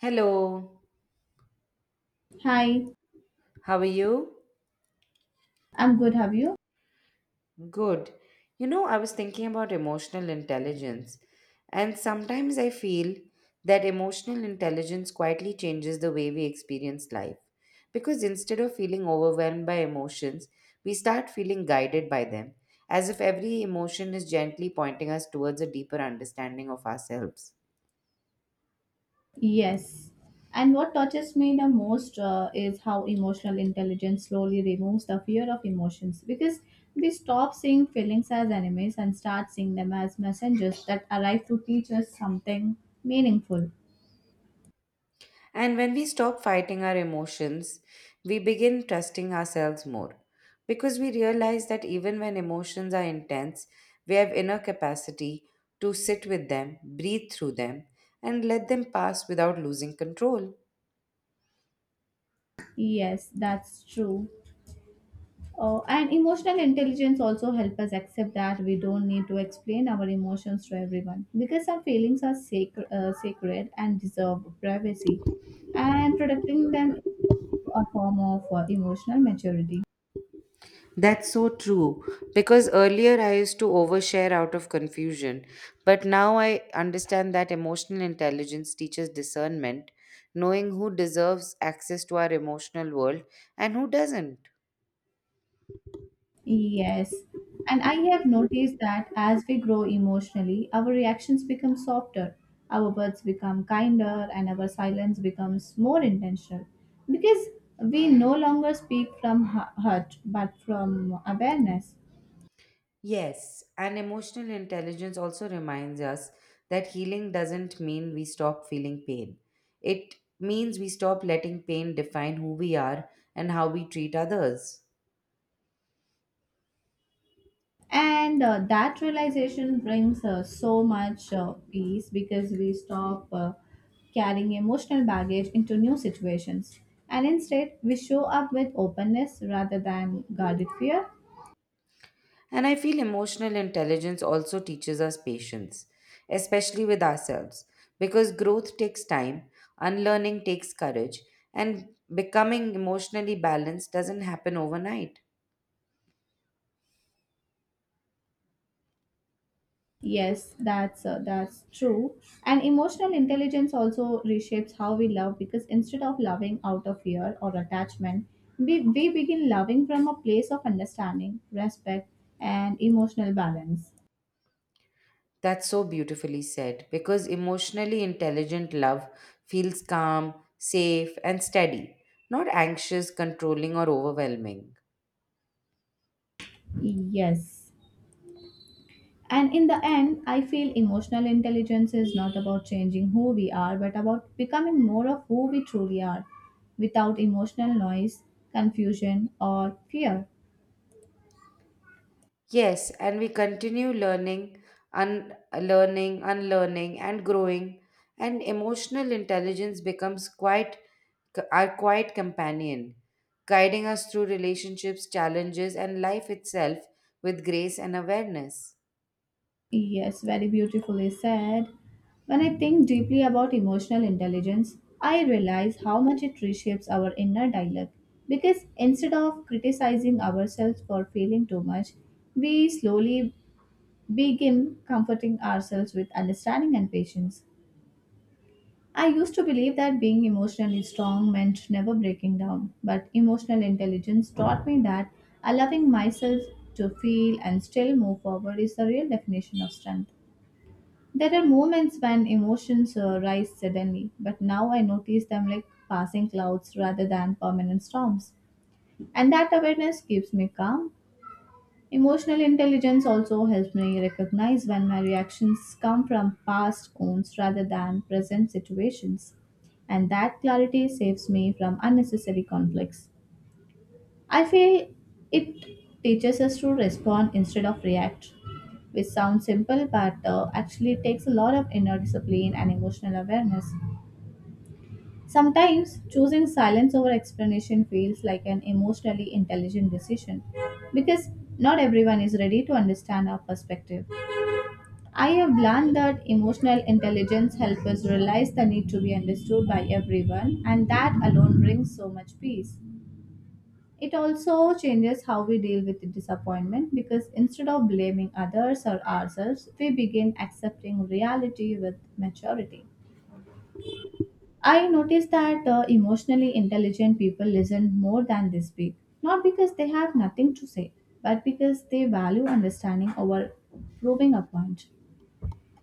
Hello, Hi, how are you? I'm good. Have you? Good. You know, I was thinking about emotional intelligence, and sometimes I feel that emotional intelligence quietly changes the way we experience life. Because instead of feeling overwhelmed by emotions, we start feeling guided by them, as if every emotion is gently pointing us towards a deeper understanding of ourselves. Yes. And what touches me the most is how emotional intelligence slowly removes the fear of emotions because we stop seeing feelings as enemies and start seeing them as messengers that arrive to teach us something meaningful. And when we stop fighting our emotions, we begin trusting ourselves more because we realize that even when emotions are intense, we have inner capacity to sit with them, breathe through them, and let them pass without losing control. Yes, that's true. Oh, and emotional intelligence also help us accept that we don't need to explain our emotions to everyone because some feelings are sacred, sacred and deserve privacy, and protecting them is also a form of emotional maturity. That's so true because earlier I used to overshare out of confusion, but now I understand that emotional intelligence teaches discernment, knowing who deserves access to our emotional world and who doesn't. Yes. And I have noticed that as we grow emotionally, our reactions become softer, our words become kinder, and our silence becomes more intentional because we no longer speak from hurt but from awareness. Yes, and emotional intelligence also reminds us that healing doesn't mean we stop feeling pain. It means we stop letting pain define who we are and how we treat others. And that realization brings so much peace because we stop carrying emotional baggage into new situations. And instead, we show up with openness rather than guarded fear. And I feel emotional intelligence also teaches us patience, especially with ourselves, because growth takes time, unlearning takes courage, and becoming emotionally balanced doesn't happen overnight. Yes, that's true. And emotional intelligence also reshapes how we love because instead of loving out of fear or attachment, we begin loving from a place of understanding, respect, and emotional balance. That's so beautifully said because emotionally intelligent love feels calm, safe, and steady, not anxious, controlling, or overwhelming. Yes. And in the end, I feel emotional intelligence is not about changing who we are, but about becoming more of who we truly are without emotional noise, confusion, or fear. Yes, and we continue learning, learning, unlearning, and growing, and emotional intelligence becomes quite our quiet companion, guiding us through relationships, challenges, and life itself with grace and awareness. Yes, very beautifully said. When I think deeply about emotional intelligence, I realize how much it reshapes our inner dialogue. Because instead of criticizing ourselves for feeling too much, we slowly begin comforting ourselves with understanding and patience. I used to believe that being emotionally strong meant never breaking down, but emotional intelligence taught me that allowing myself to feel and still move forward is the real definition of strength. There are moments when emotions rise suddenly, but now I notice them like passing clouds rather than permanent storms. And that awareness keeps me calm. Emotional intelligence also helps me recognize when my reactions come from past wounds rather than present situations. And that clarity saves me from unnecessary conflicts. I feel it teaches us to respond instead of react, which sounds simple but actually takes a lot of inner discipline and emotional awareness. Sometimes choosing silence over explanation feels like an emotionally intelligent decision because not everyone is ready to understand our perspective. I have learned that emotional intelligence helps us realize the need to be understood by everyone, and that alone brings so much peace. It also changes how we deal with disappointment because instead of blaming others or ourselves, we begin accepting reality with maturity. I noticed that emotionally intelligent people listen more than they speak, not because they have nothing to say, but because they value understanding over proving a point.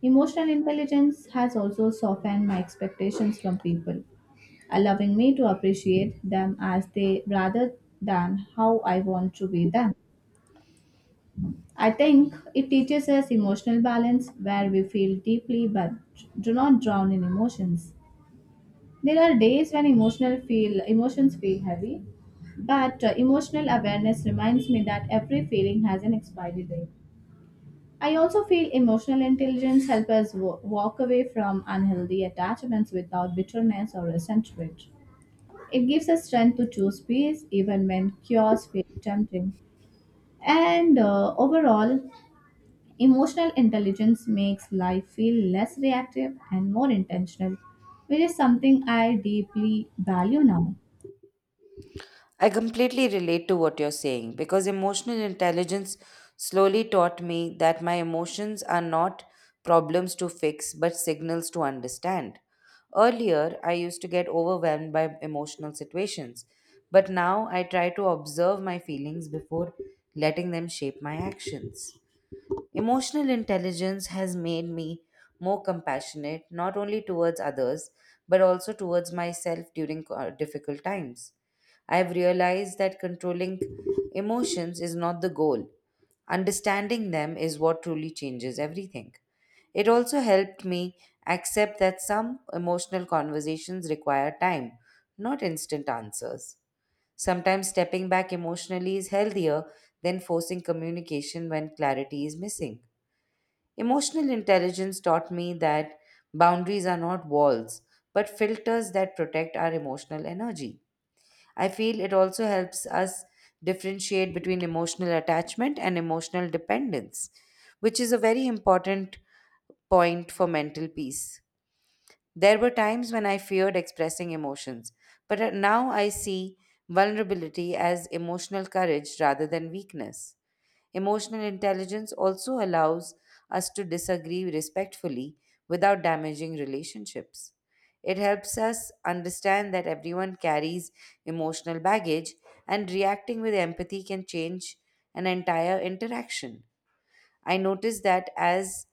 Emotional intelligence has also softened my expectations from people, allowing me to appreciate them as they rather than how I want to be them. I think it teaches us emotional balance where we feel deeply but do not drown in emotions. There are days when emotional feel emotions feel heavy, but emotional awareness reminds me that every feeling has an expiry date. I also feel emotional intelligence helps us walk away from unhealthy attachments without bitterness or resentment. It gives us strength to choose peace even when chaos feels tempting. And overall, emotional intelligence makes life feel less reactive and more intentional, which is something I deeply value now. I completely relate to what you're saying because emotional intelligence slowly taught me that my emotions are not problems to fix but signals to understand. Earlier, I used to get overwhelmed by emotional situations, but now I try to observe my feelings before letting them shape my actions. Emotional intelligence has made me more compassionate, not only towards others, but also towards myself during difficult times. I've realized that controlling emotions is not the goal. Understanding them is what truly changes everything. It also helped me accept that some emotional conversations require time, not instant answers. Sometimes stepping back emotionally is healthier than forcing communication when clarity is missing. Emotional intelligence taught me that boundaries are not walls, but filters that protect our emotional energy. I feel it also helps us differentiate between emotional attachment and emotional dependence, which is a very important point for mental peace. There were times when I feared expressing emotions, but now I see vulnerability as emotional courage rather than weakness. Emotional intelligence also allows us to disagree respectfully without damaging relationships. It helps us understand that everyone carries emotional baggage, and reacting with empathy can change an entire interaction. I notice that as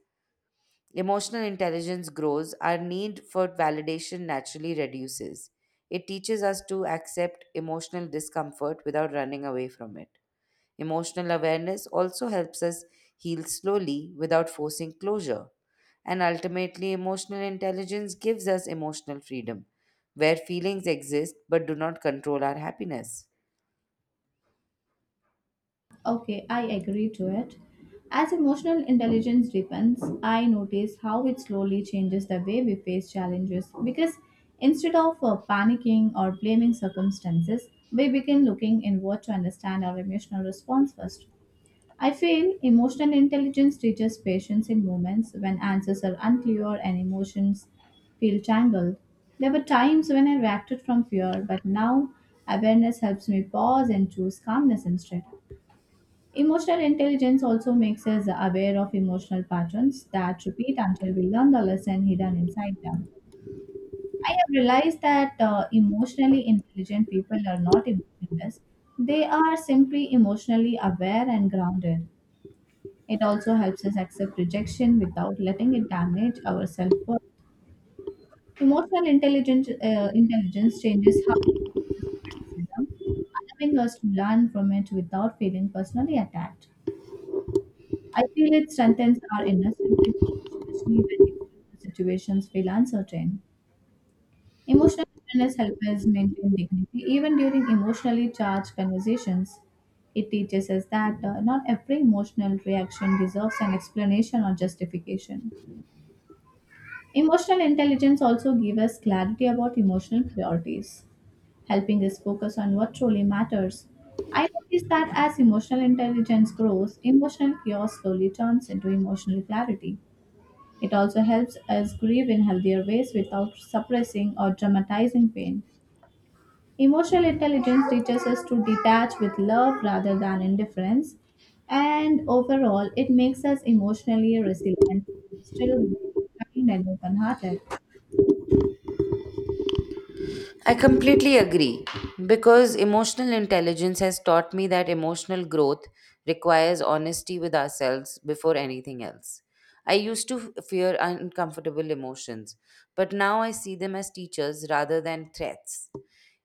emotional intelligence grows, our need for validation naturally reduces. It teaches us to accept emotional discomfort without running away from it. Emotional awareness also helps us heal slowly without forcing closure. And ultimately, emotional intelligence gives us emotional freedom, where feelings exist but do not control our happiness. Okay, I agree to it. As emotional intelligence deepens, I notice how it slowly changes the way we face challenges because instead of panicking or blaming circumstances, we begin looking inward to understand our emotional response first. I feel emotional intelligence teaches patience in moments when answers are unclear and emotions feel tangled. There were times when I reacted from fear, but now awareness helps me pause and choose calmness instead. Emotional intelligence also makes us aware of emotional patterns that repeat until we learn the lesson hidden inside them. I have realized that emotionally intelligent people are not emotionless, they are simply emotionally aware and grounded. It also helps us accept rejection without letting it damage our self worth. Emotional intelligence changes how we process criticism, allowing us to learn from it without feeling personally attacked. I feel it strengthens our inner stability, especially when external situations feel uncertain. Emotional awareness helps us maintain dignity even during emotionally charged conversations. It teaches us that not every emotional reaction deserves an explanation or justification. Emotional intelligence also gives us clarity about emotional priorities, helping us focus on what truly matters. I notice that as emotional intelligence grows, emotional chaos slowly turns into emotional clarity. It also helps us grieve in healthier ways without suppressing or dramatizing pain. Emotional intelligence teaches us to detach with love rather than indifference, and overall, it makes us emotionally resilient, still kind and open hearted. I completely agree because emotional intelligence has taught me that emotional growth requires honesty with ourselves before anything else. I used to fear uncomfortable emotions, but now I see them as teachers rather than threats.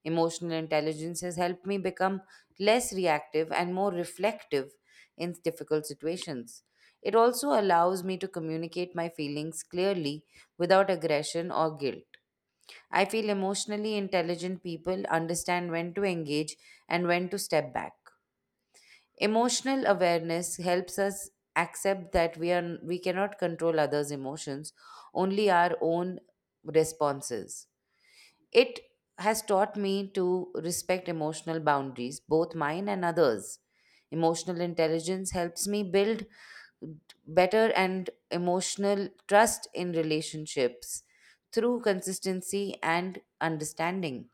Emotional intelligence has helped me become less reactive and more reflective in difficult situations. It also allows me to communicate my feelings clearly without aggression or guilt. I feel emotionally intelligent people understand when to engage and when to step back. Emotional awareness helps us accept that we cannot control others' emotions, only our own responses. It has taught me to respect emotional boundaries, both mine and others. Emotional intelligence helps me build better and emotional trust in relationships through consistency and understanding.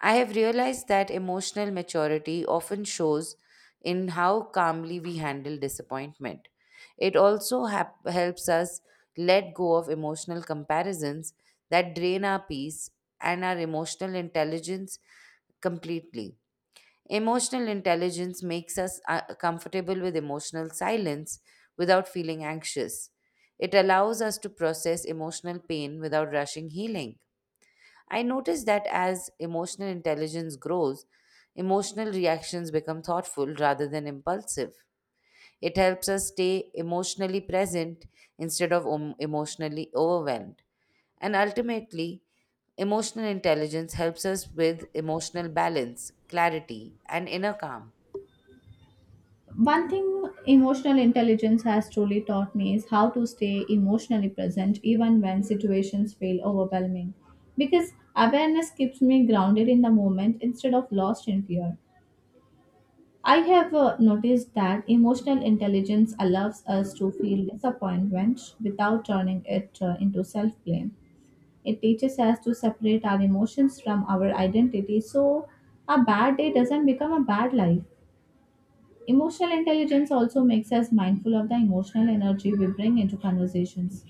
I have realized that emotional maturity often shows in how calmly we handle disappointment. It also helps us let go of emotional comparisons that drain our peace and our emotional intelligence completely. Emotional intelligence makes us comfortable with emotional silence without feeling anxious. It allows us to process emotional pain without rushing healing. I noticed that as emotional intelligence grows, emotional reactions become thoughtful rather than impulsive. It helps us stay emotionally present instead of emotionally overwhelmed. And ultimately, emotional intelligence helps us with emotional balance, clarity, and inner calm. One thing emotional intelligence has truly taught me is how to stay emotionally present even when situations feel overwhelming. Because awareness keeps me grounded in the moment instead of lost in fear. I have noticed that emotional intelligence allows us to feel disappointment without turning it into self blame. It teaches us to separate our emotions from our identity so a bad day doesn't become a bad life. Emotional intelligence also makes us mindful of the emotional energy we bring into conversations.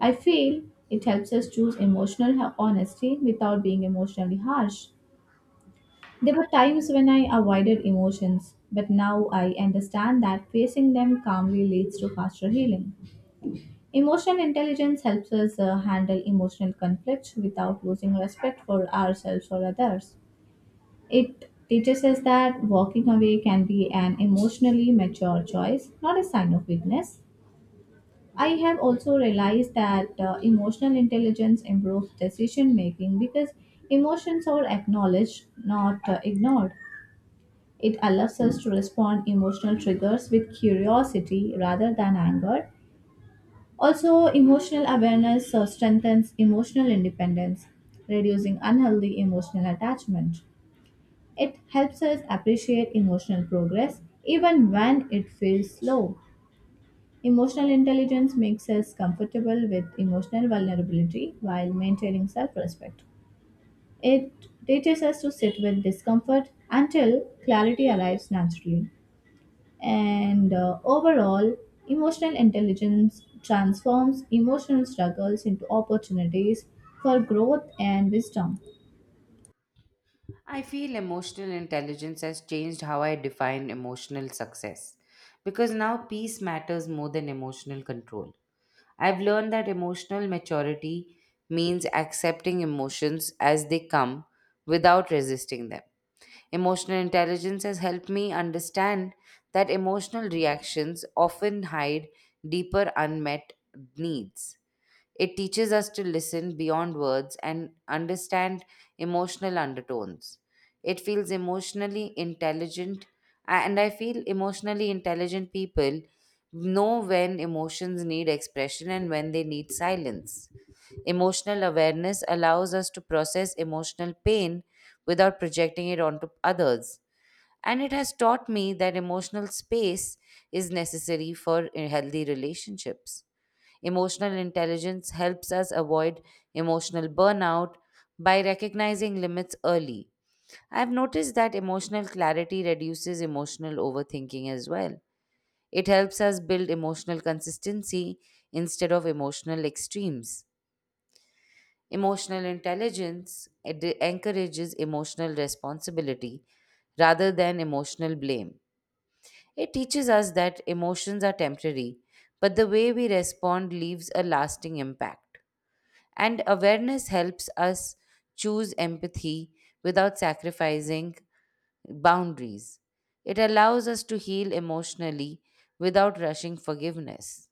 I feel it helps us choose emotional honesty without being emotionally harsh. There were times when I avoided emotions, but now I understand that facing them calmly leads to faster healing. Emotional intelligence helps us handle emotional conflicts without losing respect for ourselves or others. It teaches us that walking away can be an emotionally mature choice, not a sign of weakness. I have also realized that emotional intelligence improves decision making because emotions are acknowledged, not ignored. It allows us to respond emotional triggers with curiosity rather than anger. Also, emotional awareness strengthens emotional independence, reducing unhealthy emotional attachment. It helps us appreciate emotional progress even when it feels slow. Emotional intelligence makes us comfortable with emotional vulnerability while maintaining self respect. It teaches us to sit with discomfort until clarity arrives naturally. And overall, emotional intelligence transforms emotional struggles into opportunities for growth and wisdom. I feel emotional intelligence has changed how I define emotional success because now peace matters more than emotional control. I've learned that emotional maturity means accepting emotions as they come without resisting them. Emotional intelligence has helped me understand that emotional reactions often hide deeper unmet needs. It teaches us to listen beyond words and understand emotional undertones. It feels emotionally intelligent, and I feel emotionally intelligent people know when emotions need expression and when they need silence. Emotional awareness allows us to process emotional pain without projecting it onto others. And it has taught me that emotional space is necessary for healthy relationships. Emotional intelligence helps us avoid emotional burnout by recognizing limits early. I've noticed that emotional clarity reduces emotional overthinking as well. It helps us build emotional consistency instead of emotional extremes. Emotional intelligence encourages emotional responsibility rather than emotional blame. It teaches us that emotions are temporary, but the way we respond leaves a lasting impact. And awareness helps us choose empathy without sacrificing boundaries. It allows us to heal emotionally without rushing forgiveness.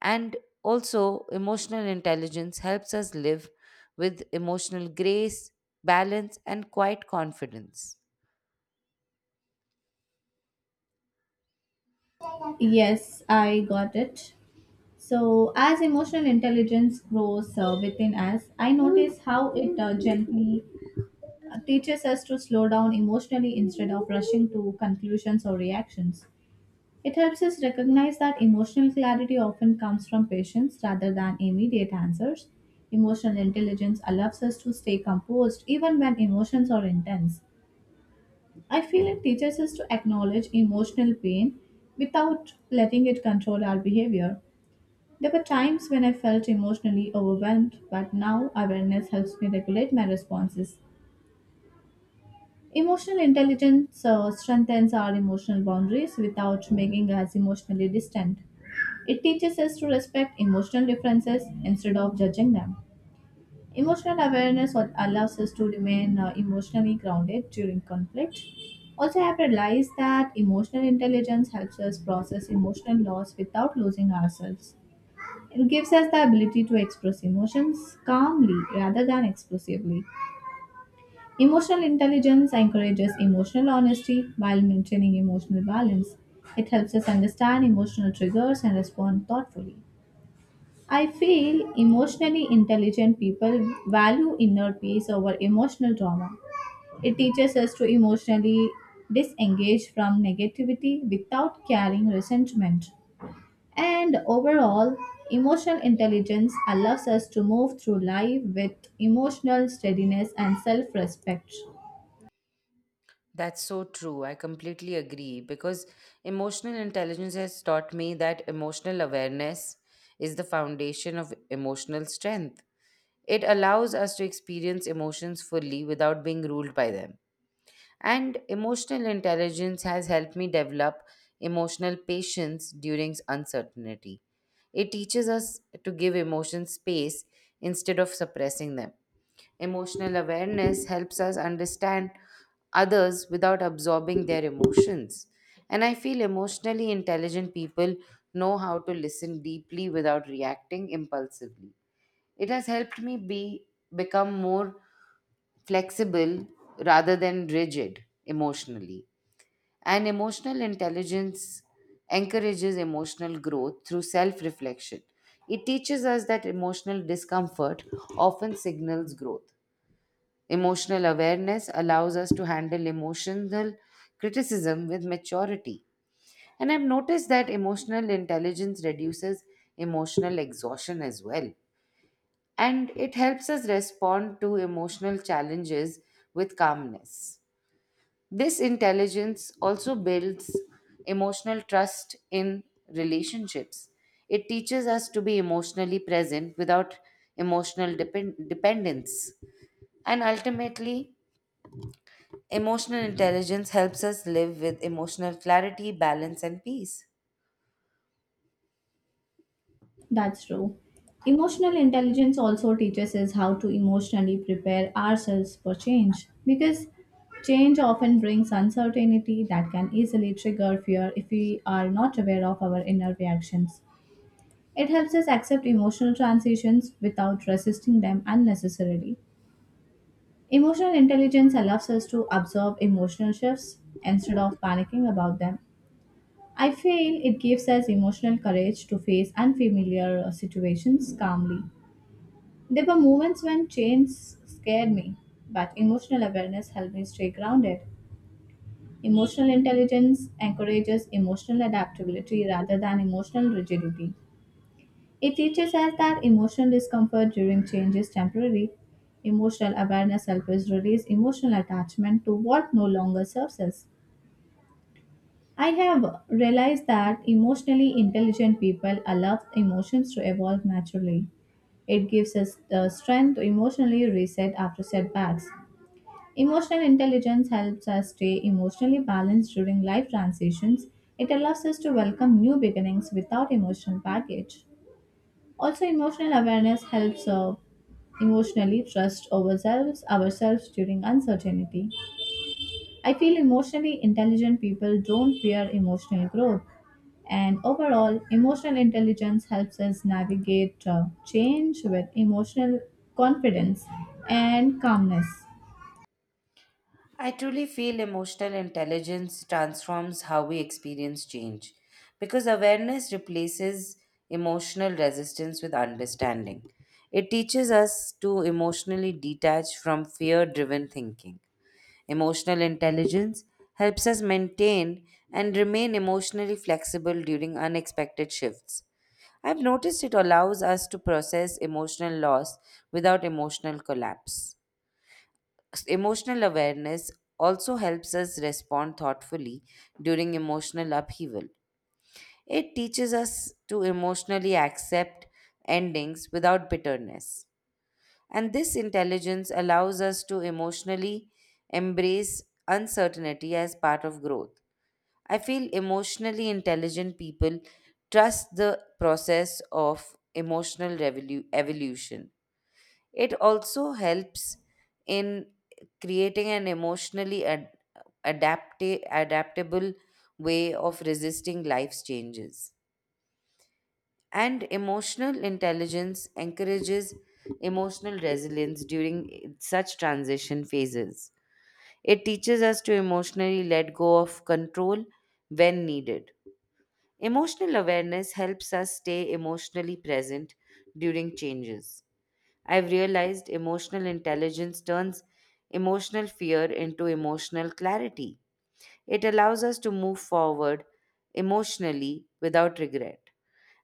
And also, emotional intelligence helps us live with emotional grace, balance, and quiet confidence. Yes, I got it. So, as emotional intelligence grows within us, I notice how it gently teaches us to slow down emotionally instead of rushing to conclusions or reactions. It helps us recognize that emotional clarity often comes from patience rather than immediate answers. Emotional intelligence allows us to stay composed even when emotions are intense. I feel it teaches us to acknowledge emotional pain without letting it control our behavior. There were times when I felt emotionally overwhelmed, but now awareness helps me regulate my responses. Emotional intelligence strengthens our emotional boundaries without making us emotionally distant. It teaches us to respect emotional differences instead of judging them. Emotional awareness what allows us to remain emotionally grounded during conflict. Also, I have realized that emotional intelligence helps us process emotional loss without losing ourselves. It gives us the ability to express emotions calmly rather than explosively. Emotional intelligence encourages emotional honesty while maintaining emotional balance. It helps us understand emotional triggers and respond thoughtfully. I feel emotionally intelligent people value inner peace over emotional drama. It teaches us to emotionally disengage from negativity without carrying resentment. And overall, emotional intelligence allows us to move through life with emotional steadiness and self respect. That's so true. I completely agree because emotional intelligence has taught me that emotional awareness is the foundation of emotional strength. It allows us to experience emotions fully without being ruled by them. And emotional intelligence has helped me develop emotional patience during uncertainty. It teaches us to give emotions space instead of suppressing them. Emotional awareness helps us understand others without absorbing their emotions. And I feel emotionally intelligent people know how to listen deeply without reacting impulsively. It has helped me be become more flexible rather than rigid emotionally. And emotional intelligence encourages emotional growth through self-reflection. It teaches us that emotional discomfort often signals growth. Emotional awareness allows us to handle emotional criticism with maturity. And I've noticed that emotional intelligence reduces emotional exhaustion as well. And it helps us respond to emotional challenges with calmness. This intelligence also builds emotional trust in relationships. It teaches us to be emotionally present without emotional dependence. And ultimately, emotional intelligence helps us live with emotional clarity, balance, and peace. That's true. Emotional intelligence also teaches us how to emotionally prepare ourselves for change because change often brings uncertainty that can easily trigger fear if we are not aware of our inner reactions. It helps us accept emotional transitions without resisting them unnecessarily. Emotional intelligence allows us to absorb emotional shifts instead of panicking about them. I feel it gives us emotional courage to face unfamiliar situations calmly. There were moments when change scared me, but emotional awareness helped me stay grounded. Emotional intelligence encourages emotional adaptability rather than emotional rigidity. It teaches us that emotional discomfort during change is temporary. Emotional awareness helps us release emotional attachment to what no longer serves us. I have realized that emotionally intelligent people allow emotions to evolve naturally. It gives us the strength to emotionally reset after setbacks. Emotional intelligence helps us stay emotionally balanced during life transitions. It allows us to welcome new beginnings without emotional baggage. Also, emotional awareness helps emotionally trust ourselves during uncertainty. I feel emotionally intelligent people don't fear emotional growth, and overall, emotional intelligence helps us navigate change with emotional confidence and calmness. I truly feel emotional intelligence transforms how we experience change because awareness replaces emotional resistance with understanding. It teaches us to emotionally detach from fear driven thinking. Emotional intelligence helps us maintain and remain emotionally flexible during unexpected shifts. I've noticed it allows us to process emotional loss without emotional collapse. Emotional awareness also helps us respond thoughtfully during emotional upheaval. It teaches us to emotionally accept endings without bitterness. And this intelligence allows us to emotionally embrace uncertainty as part of growth. I feel emotionally intelligent people trust the process of emotional evolution. It also helps in creating an emotionally adaptable way of resisting life's changes. And emotional intelligence encourages emotional resilience during such transition phases. It teaches us to emotionally let go of control when needed. Emotional awareness helps us stay emotionally present during changes. I've realized emotional intelligence turns emotional fear into emotional clarity. It allows us to move forward emotionally without regret.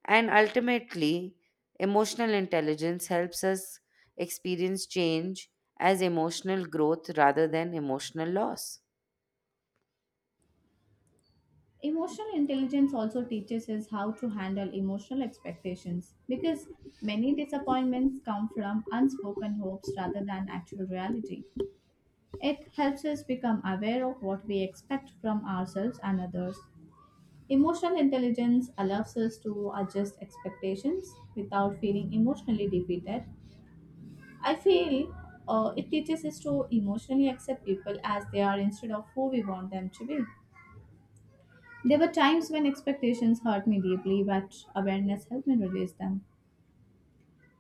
And ultimately, emotional intelligence helps us experience change as emotional growth rather than emotional loss. Emotional intelligence also teaches us how to handle emotional expectations because many disappointments come from unspoken hopes rather than actual reality. It helps us become aware of what we expect from ourselves and others. Emotional intelligence allows us to adjust expectations without feeling emotionally defeated. I feel it teaches us to emotionally accept people as they are instead of who we want them to be. There were times when expectations hurt me deeply, but awareness helped me release them.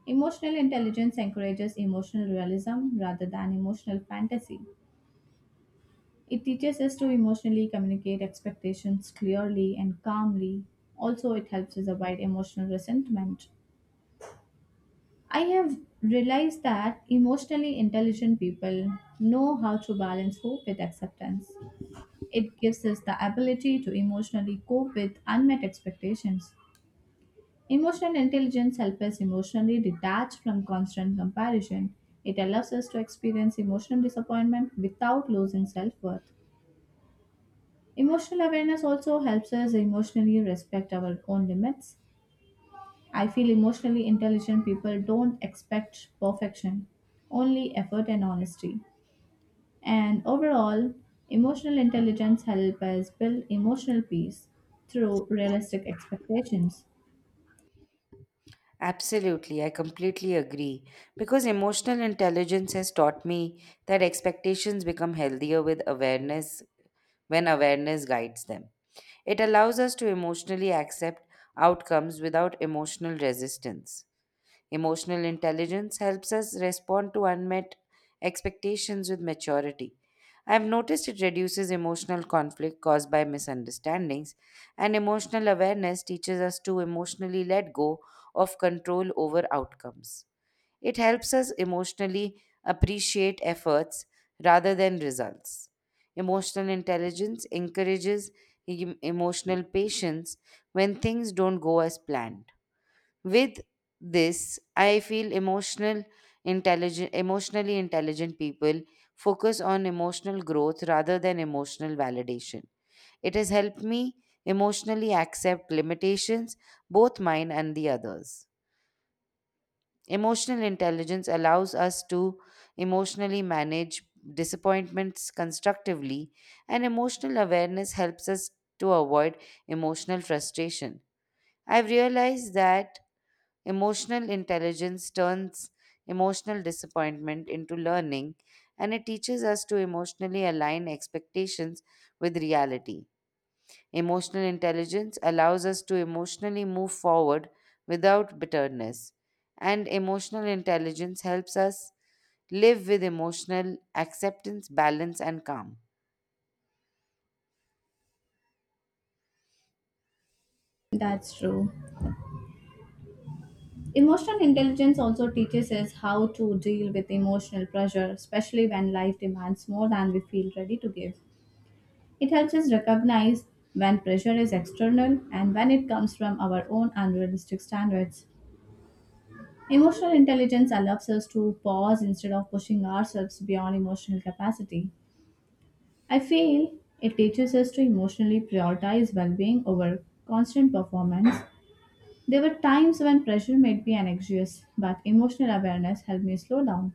Emotional intelligence encourages emotional realism rather than emotional fantasy. It teaches us to emotionally communicate expectations clearly and calmly. Also, it helps us avoid emotional resentment. I have realized that emotionally intelligent people know how to balance hope with acceptance. It gives us the ability to emotionally cope with unmet expectations. Emotional intelligence helps us emotionally detach from constant comparison. It allows us to experience emotional disappointment without losing self worth. Emotional awareness also helps us emotionally respect our own limits. I feel emotionally intelligent people don't expect perfection, only effort and honesty. And overall, emotional intelligence helps us build emotional peace through realistic expectations. Absolutely, I completely agree. Because emotional intelligence has taught me that expectations become healthier with awareness when awareness guides them. It allows us to emotionally accept outcomes without emotional resistance. Emotional intelligence helps us respond to unmet expectations with maturity. I have noticed it reduces emotional conflict caused by misunderstandings, and emotional awareness teaches us to emotionally let go of control over outcomes. It helps us emotionally appreciate efforts rather than results. Emotional intelligence encourages emotional patience when things don't go as planned. With this, I feel emotionally intelligent people focus on emotional growth rather than emotional validation. It has helped me emotionally accept limitations, both mine and the others. Emotional intelligence allows us to emotionally manage disappointments constructively, and emotional awareness helps us to avoid emotional frustration. I've realized that emotional intelligence turns emotional disappointment into learning, and it teaches us to emotionally align expectations with reality. Emotional intelligence allows us to emotionally move forward without bitterness, and emotional intelligence helps us live with emotional acceptance, balance, and calm. That's true. Emotional intelligence also teaches us how to deal with emotional pressure, especially when life demands more than we feel ready to give. It helps us recognize when pressure is external and when it comes from our own unrealistic standards. Emotional intelligence allows us to pause instead of pushing ourselves beyond emotional capacity. I feel it teaches us to emotionally prioritize well being over constant performance. There were times when pressure made me anxious, but emotional awareness helped me slow down.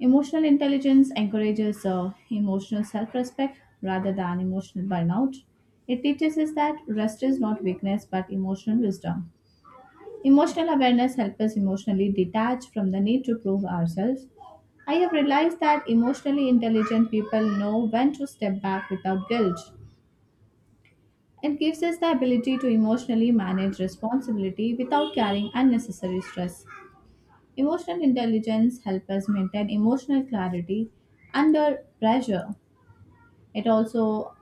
Emotional intelligence encourages emotional self respect rather than emotional burnout. It teaches us that rest is not weakness but emotional wisdom. Emotional awareness helps us emotionally detach from the need to prove ourselves. I have realized that emotionally intelligent people know when to step back without guilt. It gives us the ability to emotionally manage responsibility without carrying unnecessary stress. Emotional intelligence helps us maintain emotional clarity under pressure. It also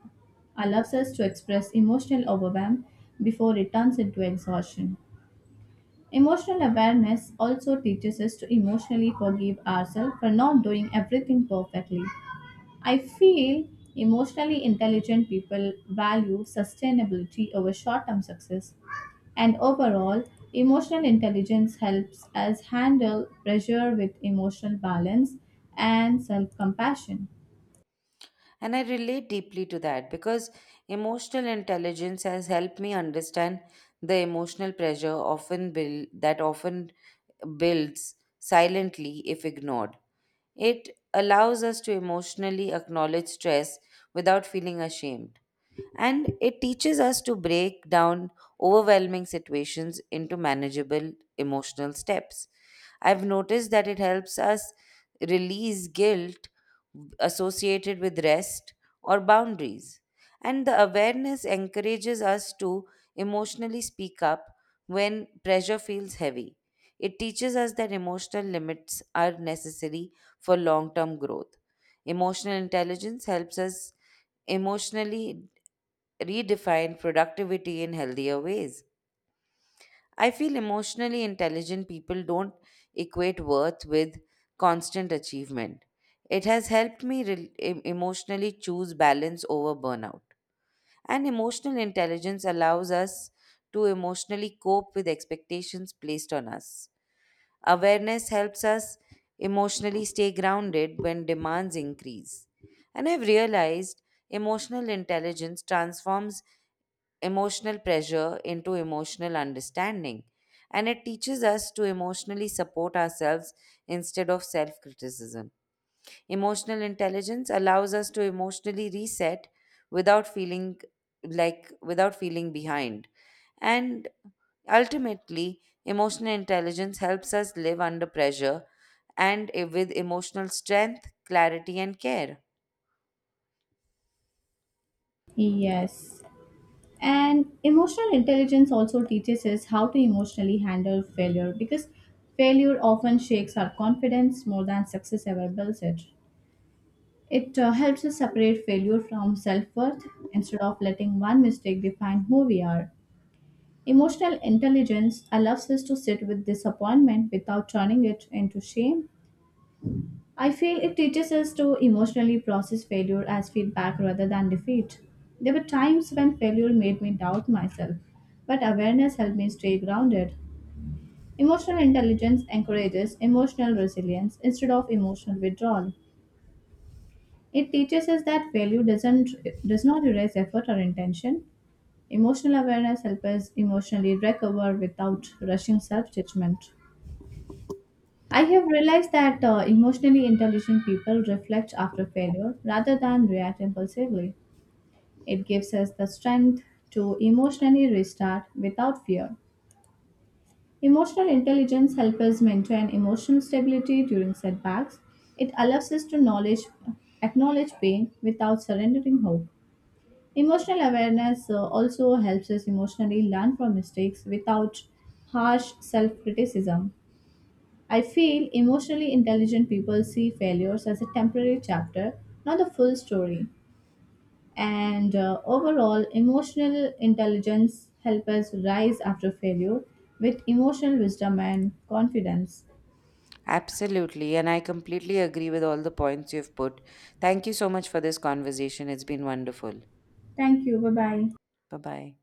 allows us to express emotional overwhelm before it turns into exhaustion. Emotional awareness also teaches us to emotionally forgive ourselves for not doing everything perfectly. I feel emotionally intelligent people value sustainability over short term success, and overall, emotional intelligence helps us handle pressure with emotional balance and self compassion. And I relate deeply to that because emotional intelligence has helped me understand the emotional pressure often build, that often builds silently if ignored. It allows us to emotionally acknowledge stress without feeling ashamed, and it teaches us to break down overwhelming situations into manageable emotional steps. I've noticed that it helps us release guilt associated with rest or boundaries. And the awareness encourages us to emotionally speak up when pressure feels heavy. It teaches us that emotional limits are necessary for long term growth. Emotional intelligence helps us emotionally redefine productivity in healthier ways. I feel emotionally intelligent people don't equate worth with constant achievement. It has helped me emotionally choose balance over burnout. And emotional intelligence allows us to emotionally cope with expectations placed on us. Awareness helps us emotionally stay grounded when demands increase. And I've realized emotional intelligence transforms emotional pressure into emotional understanding. And it teaches us to emotionally support ourselves instead of self criticism. Emotional intelligence allows us to emotionally reset without feeling without feeling behind. And ultimately, emotional intelligence helps us live under pressure and with emotional strength, clarity, and care. Yes. And emotional intelligence also teaches us how to emotionally handle failure because failure often shakes our confidence more than success ever builds it. It helps us separate failure from self worth instead of letting one mistake define who we are. Emotional intelligence allows us to sit with disappointment without turning it into shame. I feel it teaches us to emotionally process failure as feedback rather than defeat. There were times when failure made me doubt myself, but awareness helped me stay grounded. Emotional intelligence encourages emotional resilience instead of emotional withdrawal. It teaches us that failure does not erase effort or intention. Emotional awareness helps us emotionally recover without rushing self-judgment. I have realized that emotionally intelligent people reflect after failure rather than react impulsively. It gives us the strength to emotionally restart without fear. Emotional intelligence helps us maintain emotional stability during setbacks. It allows us to acknowledge pain without surrendering hope. Emotional awareness also helps us emotionally learn from mistakes without harsh self criticism. I feel emotionally intelligent people see failures as a temporary chapter, not the full story. And overall, emotional intelligence helps us rise after failure with emotional wisdom and confidence. Absolutely. And I completely agree with all the points you've put. Thank you so much for this conversation. It's been wonderful. Thank you. Bye bye. Bye bye.